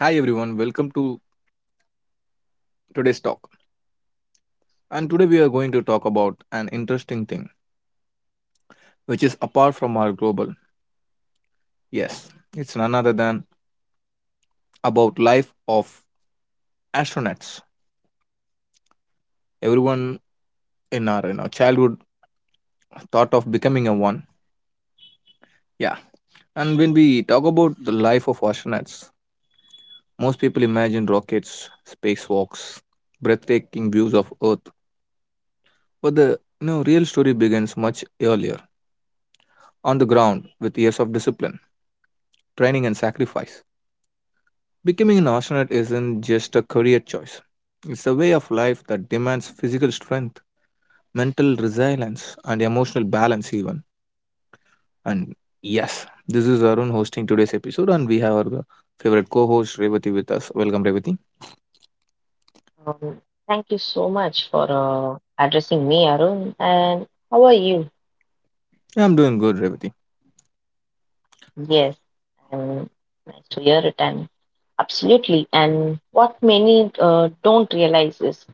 Hi everyone, welcome to today's talk. And today we are going to talk about an interesting thing which is apart from our global. Yes, it's none other than about life of astronauts. Everyone in our childhood thought of becoming a one. Yeah. And when we talk about the life of astronauts, most people imagine rockets, spacewalks, breathtaking views of Earth. But the real story begins much earlier, on the ground with years of discipline, training and sacrifice. Becoming an astronaut isn't just a career choice, it's a way of life that demands physical strength, mental resilience, and emotional balance, even. And yes, this is Arun hosting today's episode, and we have our favorite co host Revati with us. Welcome, Revati. Um, Thank you so much for addressing me, Arun. And how are you? Yeah, I'm doing good, Revati. Yes, um, nice to hear it. And absolutely. And what many don't realize is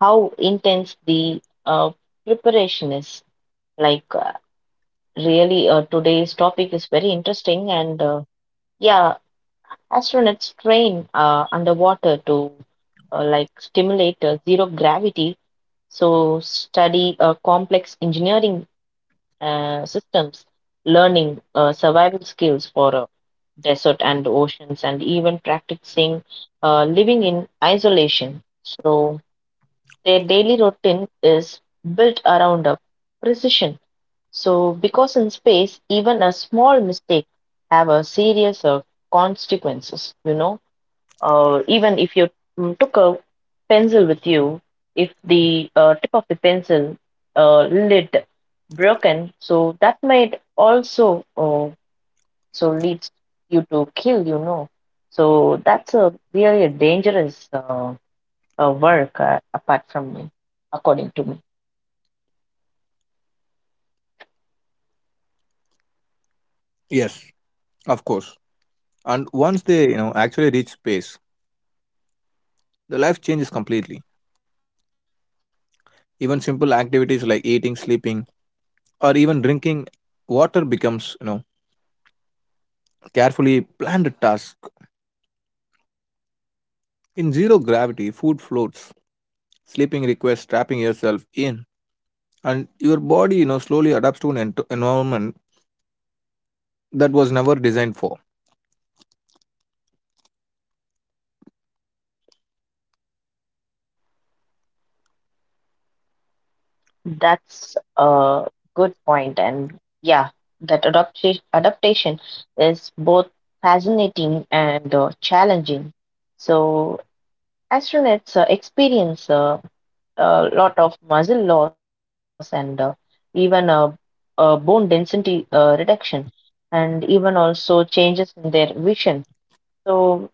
how intense the preparation is. Like, uh, Really, today's topic is very interesting. And yeah, astronauts train underwater to like stimulate zero gravity. So, study complex engineering systems, learning survival skills for desert and oceans, and even practicing living in isolation. So their daily routine is built around a precision. So because in space, even a small mistake have a serious consequences. Even if you took a pencil with you, if the tip of the pencil lid broken, so that might also so leads you to kill. So that's a really a dangerous work. Apart from me, according to me, Yes, of course. And once they actually reach space, the life changes completely. Even simple activities like eating, sleeping, or even drinking water becomes, carefully planned task. In zero gravity, food floats. Sleeping requires trapping yourself in, and your body, slowly adapts to an environment that was never designed for. that's a good point, and yeah, that adaptation is both fascinating and challenging. So astronauts experience a lot of muscle loss and even bone density reduction and even also changes in their vision, so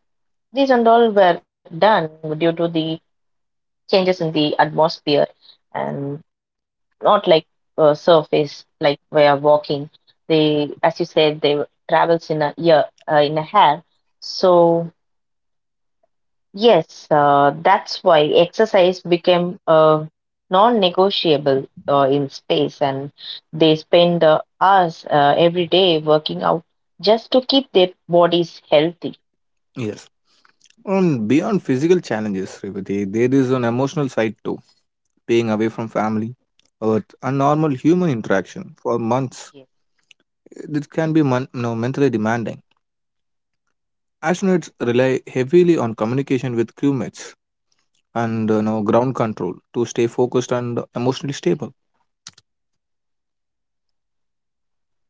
these and all were done due to the changes in the atmosphere and not like surface like we are walking. They, as you said, they travels in a year in a hair. So yes, that's why exercise became non-negotiable in space, and they spend hours every day working out just to keep their bodies healthy. Yes. And beyond physical challenges, Revati, there is an emotional side too. Being away from family, or a normal human interaction for months, Yes. it can be mentally demanding. Astronauts rely heavily on communication with crewmates and now ground control to stay focused and emotionally stable.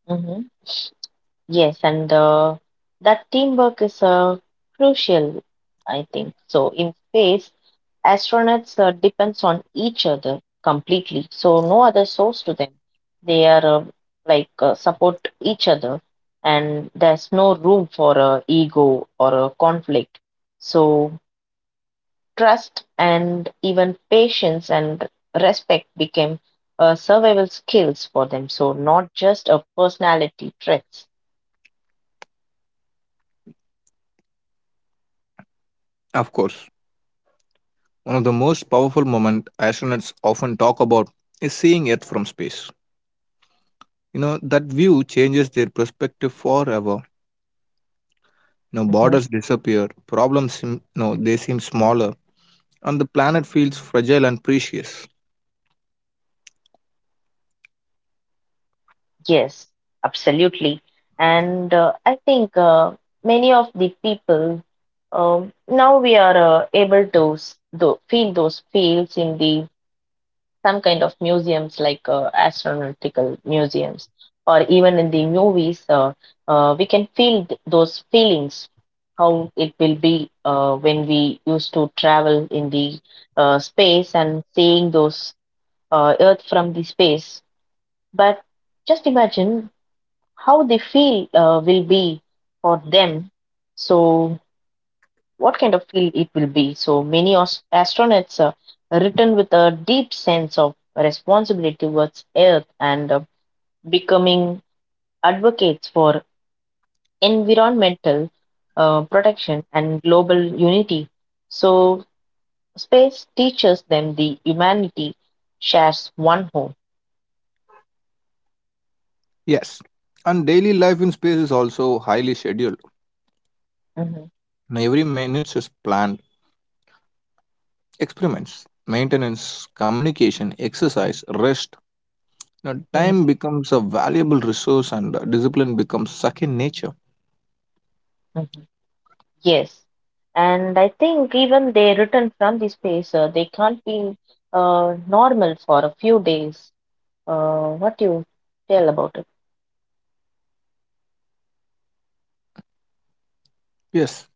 hmm Yes, and that teamwork is crucial, I think. So in space, astronauts depends on each other completely, so no other source to them. They are support each other, and there's no room for a ego or a conflict. So trust and even patience and respect became survival skills for them, so not just a personality traits. Of course, one of the most powerful moments astronauts often talk about is seeing Earth from space. That view changes their perspective forever. You know, borders Mhm. disappear, problems seem smaller, and the planet feels fragile and precious. Yes, absolutely. And I think many of the people, now we are able to feel those feels in the some kind of museums like astronautical museums or even in the movies. We can feel those feelings how it will be when we used to travel in the space and seeing those Earth from the space. But just imagine how they feel will be for them. So, what kind of field it will be? So, many astronauts return with a deep sense of responsibility towards Earth and becoming advocates for environmental protection and global unity. So, space teaches them the humanity shares one home. Yes, and daily life in space is also highly scheduled. Mhm, Now, every minute is planned. Experiments, maintenance, communication, exercise, rest. Now, mhm, time becomes a valuable resource and discipline becomes second nature. mhm. Yes, and I think even they return from the space, they can't be normal for a few days. What do you tell about it? Yes,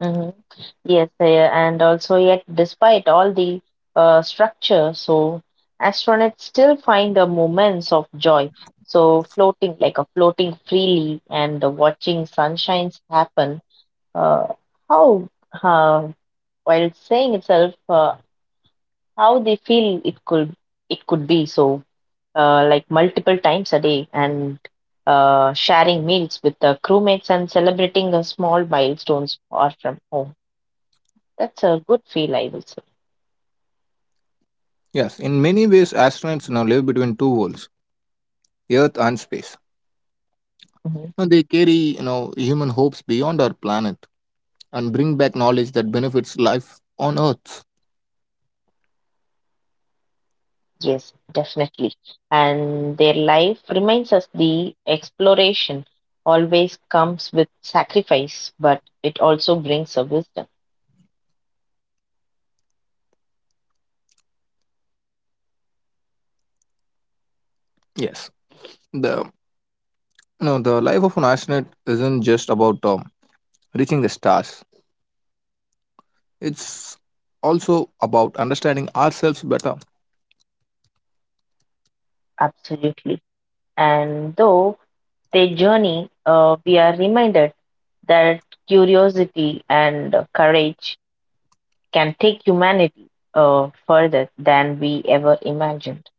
hmm Yes, and also yet, despite all the structure, so astronauts still find the moments of joy. So floating, like a floating freely and watching sunshines happen. Uh, how, uh, while saying itself, how they feel it could be so like multiple times a day, and sharing meals with the crewmates and celebrating the small milestones far from home. That's a good feel, I will say. yes. In many ways, astronauts now live between two worlds, Earth and space. Mhm. Now, they carry, human hopes beyond our planet and bring back knowledge that benefits life on Earth. Yes, definitely, and their life reminds us the exploration always comes with sacrifice, but it also brings a wisdom. Yes. The, the life of an astronaut isn't just about reaching the stars. It's also about understanding ourselves better. Absolutely, and though their journey we are reminded that curiosity and courage can take humanity further than we ever imagined.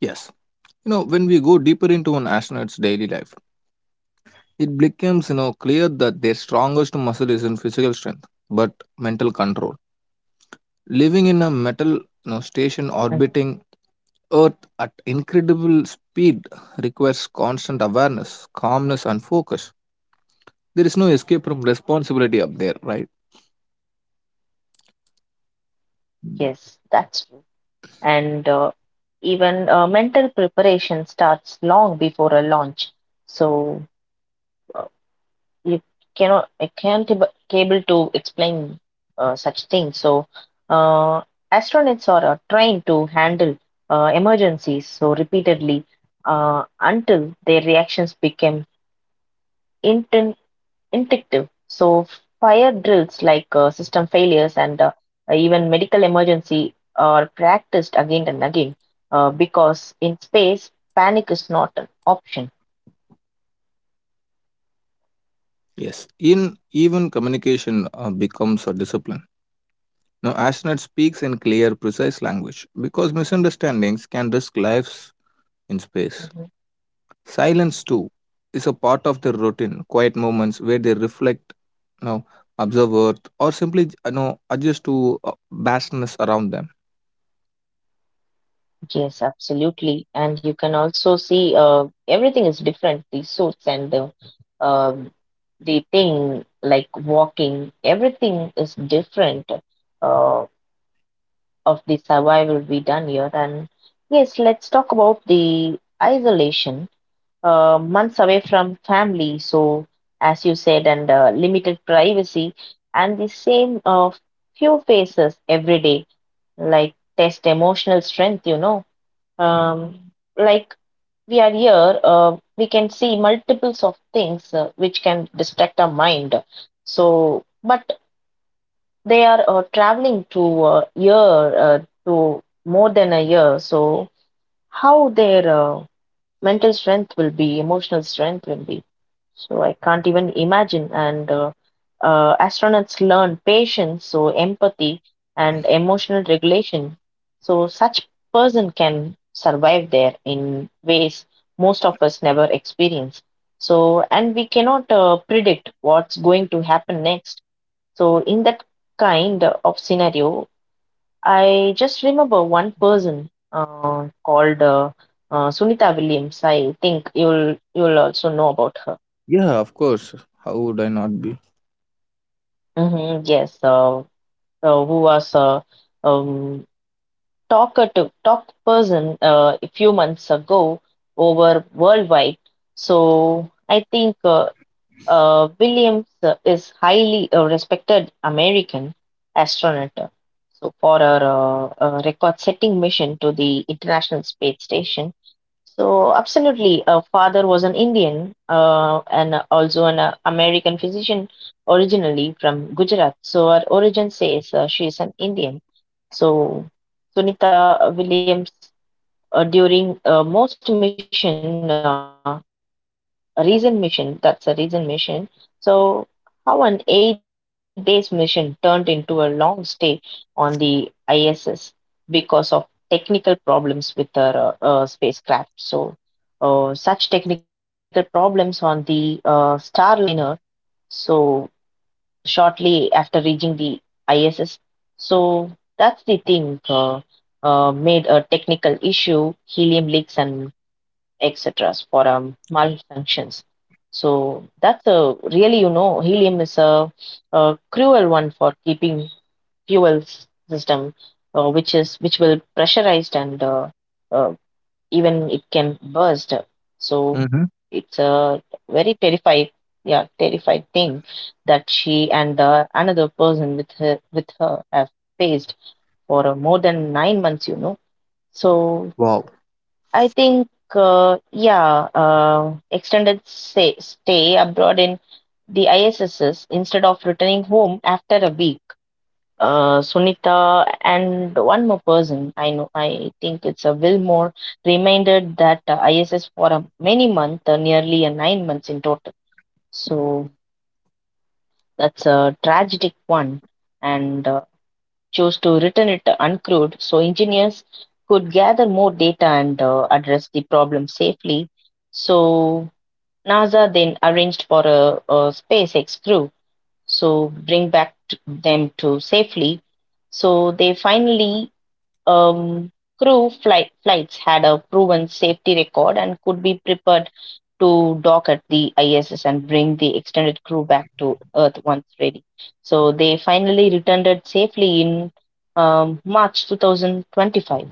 Yes. You know, when we go deeper into an astronaut's daily life, it becomes, clear that their strongest muscle isn't physical strength, but mental control. Living in a metal, Mhm. Station orbiting Earth at incredible speed requires constant awareness, calmness, and focus. There is no escape from responsibility up there, right? Yes, that's true. And even mental preparation starts long before a launch. So uh, you cannot, I can't able to explain such things. So uh, astronauts are trained to handle emergencies so repeatedly until their reactions become inten- intuitive. So fire drills, like system failures and even medical emergency, are practiced again and again because in space panic is not an option. Yes. In even communication becomes a discipline. Now, astronaut speaks in clear, precise language because misunderstandings can risk lives in space. Mhm. Silence, too, is a part of their routine, quiet moments where they reflect, you know, observe Earth, or simply adjust to vastness around them. Yes, absolutely. And you can also see everything is different. The suits and um the thing like walking, everything is different. Uh, of the survival we done here. And yes, let's talk about the isolation, months away from family. So, as you said, and limited privacy, and the same few faces every day, like test emotional strength, you know. Um, like we are here, we can see multiples of things which can distract our mind. So, but they are traveling to a year to more than a year. So how their mental strength will be, emotional strength will be. So I can't even imagine. And astronauts learn patience, so empathy and emotional regulation. So such person can survive there in ways most of us never experience. So and we cannot predict what's going to happen next. So in that kind of scenario, I just remember one person called Sunita Williams. I think you'll also know about her. Yeah, of course. How would I not be? Yes, who was a um, talk person a few months ago over worldwide. So I think Williams is highly respected American astronaut, so for her record-setting mission to the International Space Station. So absolutely, her father was an Indian and also an American physician originally from Gujarat. So her origin says she is an Indian. So Sunita Williams during most mission. A recent mission, that's a recent mission. So, how an 8 days mission turned into a long stay on the ISS because of technical problems with the spacecraft. So, such technical problems on the Starliner. So, shortly after reaching the ISS. So, that's the thing made a technical issue, helium leaks and etc. for malfunctions. So that's a really, you know, helium is a cruel one for keeping fuel system, which is which will pressurized and uh, even it can burst. So Hmm. it's a very terrified, yeah, terrified thing that she and another person with her have faced for more than 9 months. You know, so Wow. I think, yeah, extended say, stay abroad in the ISSs instead of returning home after a week. Sunita and one more person I know, I think it's a Wilmore, reminded that ISS for a many months, nearly a 9 months in total. So that's a tragic one. And chose to return it uncrewed so engineers could gather more data and address the problem safely. So NASA then arranged for a SpaceX crew so bring back them to safely. So they finally um, crew flight flights had a proven safety record and could be prepared to dock at the ISS and bring the extended crew back to Earth once ready. So they finally returned it safely in March 2025.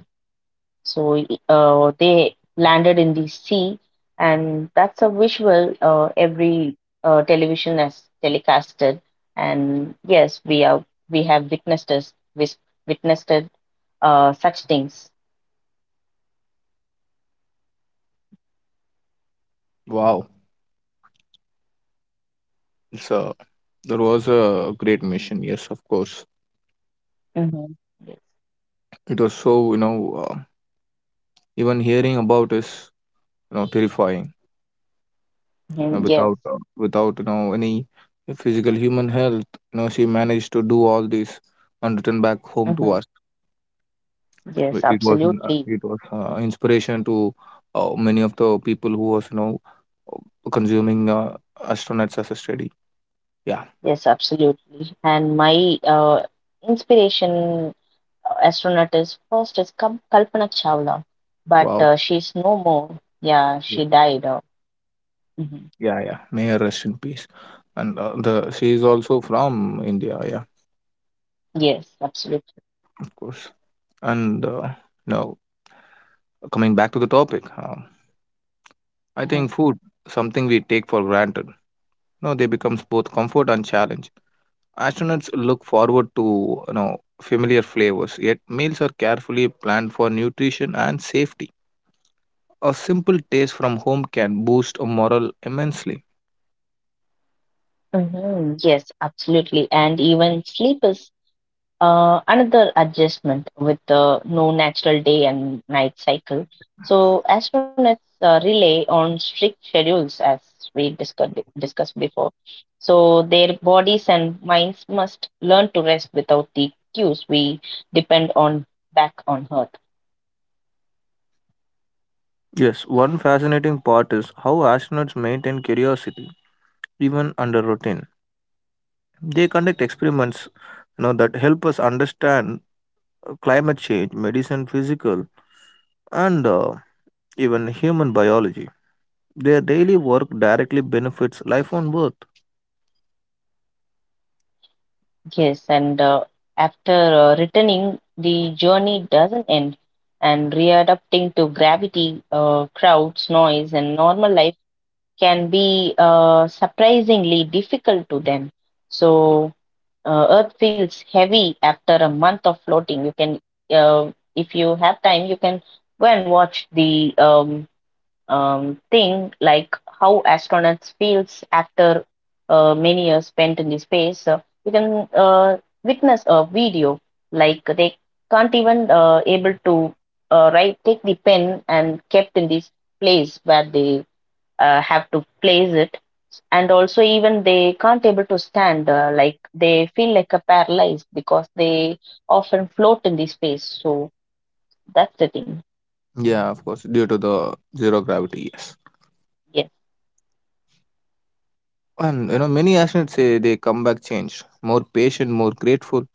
So they landed in the sea, and that's a visual every television has telecasted. And yes, we have witnessed such things. Wow. It's a, that was a great mission. Yes, of course. hmm Yes. It was so, even hearing about is, terrifying. Yes. Without without any physical human health, she managed to do all this and return back home to hmm us. Wh- Yes, it was an, absolutely. it was inspiration to many of the people who was consuming astronauts as a study, yeah. Yes, absolutely. And my inspiration astronaut is first is Kalpana Chawla, but Wow. She's no more. Yeah, Yeah. she died. Mhm. Yeah, yeah. May her rest in peace. And the she is also from india, yeah. Yes, absolutely. Of course. And now, coming back to the topic, I hmm think food, something we take for granted. No, they becomes both comfort and challenge. Astronauts look forward to familiar flavors, yet meals are carefully planned for nutrition and safety. A simple taste from home can boost a morale immensely. Yes, absolutely. And even sleep is another adjustment with no natural day and night cycle. So astronauts rely on strict schedules, as we discussed before. So their bodies and minds must learn to rest without the cues we depend on back on Earth. Yes, one fascinating part is how astronauts maintain curiosity even under routine. They conduct experiments, that help us understand climate change, medicine, physical, and even human biology. Their daily work directly benefits life on Earth. Yes, and after returning, the journey doesn't end, and readapting to gravity, crowds, noise, and normal life can be surprisingly difficult to them. So, Earth feels heavy after a month of floating. You can, if you have time, you can go and watch the thing like how astronauts feels after many years spent in the space. You can witness a video like they can't even able to write take the pen and kept in this place where they have to place it, and also even they can't able to stand like they feel like a paralyzed because they often float in the space, so that's the thing. Yeah, of course, due to the zero gravity, yes. Yes. And you know, many astronauts say they come back changed, more patient, more grateful,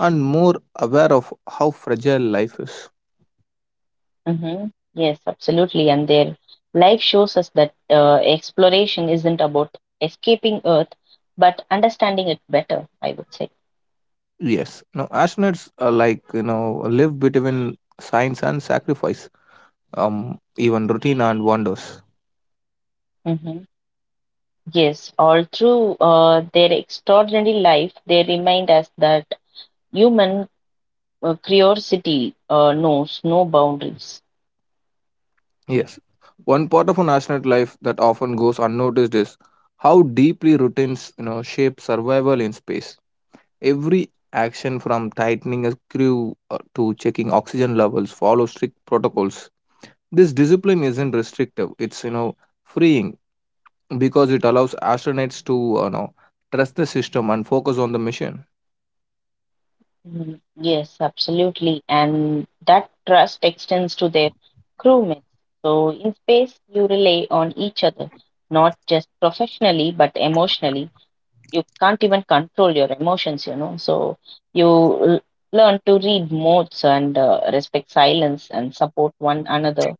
and more aware of how fragile life is. hmm yes, absolutely, and their life shows us that exploration isn't about escaping earth but understanding it better, I would say. Yes, no, astronauts are like live between science and sacrifice, even routine and wonders. hmm Yes, all through their extraordinary life, they remind us that human curiosity knows no boundaries. Yes, one part of an astronaut life that often goes unnoticed is how deeply routines shape survival in space. Every action from tightening a screw to checking oxygen levels follow strict protocols. This discipline isn't restrictive, it's freeing because it allows astronauts to trust the system and focus on the mission. Mm, yes, absolutely. And that trust extends to their crewmates. So in space, you rely on each other, not just professionally, but emotionally. You can't even control your emotions, you know. So you learn to read moods and respect silence and support one another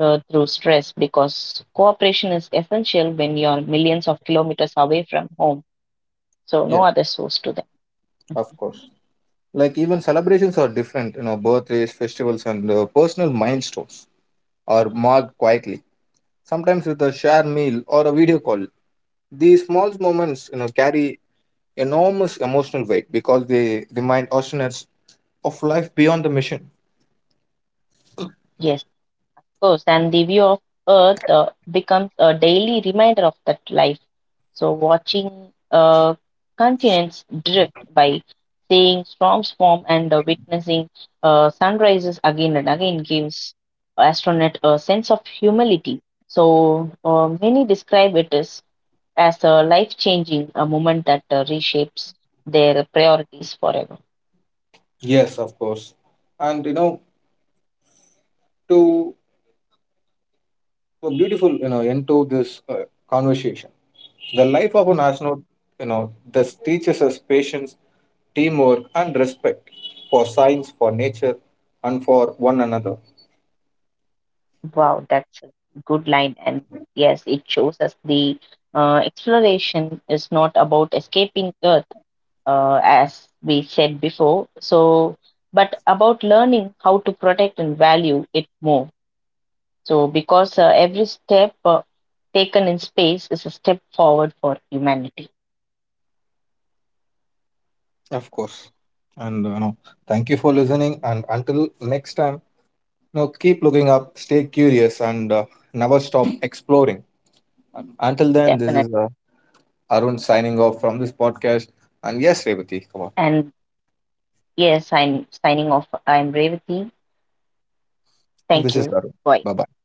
through stress because cooperation is essential when you're millions of kilometers away from home. So no Yeah, other source to them. of course. Like even celebrations are different, you know, birthdays, festivals, and personal milestones are marked quietly, sometimes with a shared meal or a video call. These small moments, carry enormous emotional weight because they remind astronauts of life beyond the mission. Yes. Course, and the view of Earth becomes a daily reminder of that life. So, watching continents drift by, seeing storms form and witnessing sunrises again and again gives astronaut a sense of humility. So, many describe it as a life changing a moment that reshapes their priorities forever. Yes, of course. And to a beautiful end to this conversation, the life of an Mm-hmm. astronaut, this teaches us patience, teamwork, and respect for science, for nature, and for one another. Wow, that's a good line. And yes, it shows us the exploration is not about escaping Earth, as we said before. So, but about learning how to protect and value it more. So, because every step taken in space is a step forward for humanity, Of course. And thank you for listening. And until next time, keep looking up, stay curious, and never stop exploring. Until then, this is definitely. Arun signing off from this podcast. And yes, Revati, come on. And yes, I'm signing off. I'm Revati. And Thank this is you. Arun. Bye. Bye bye.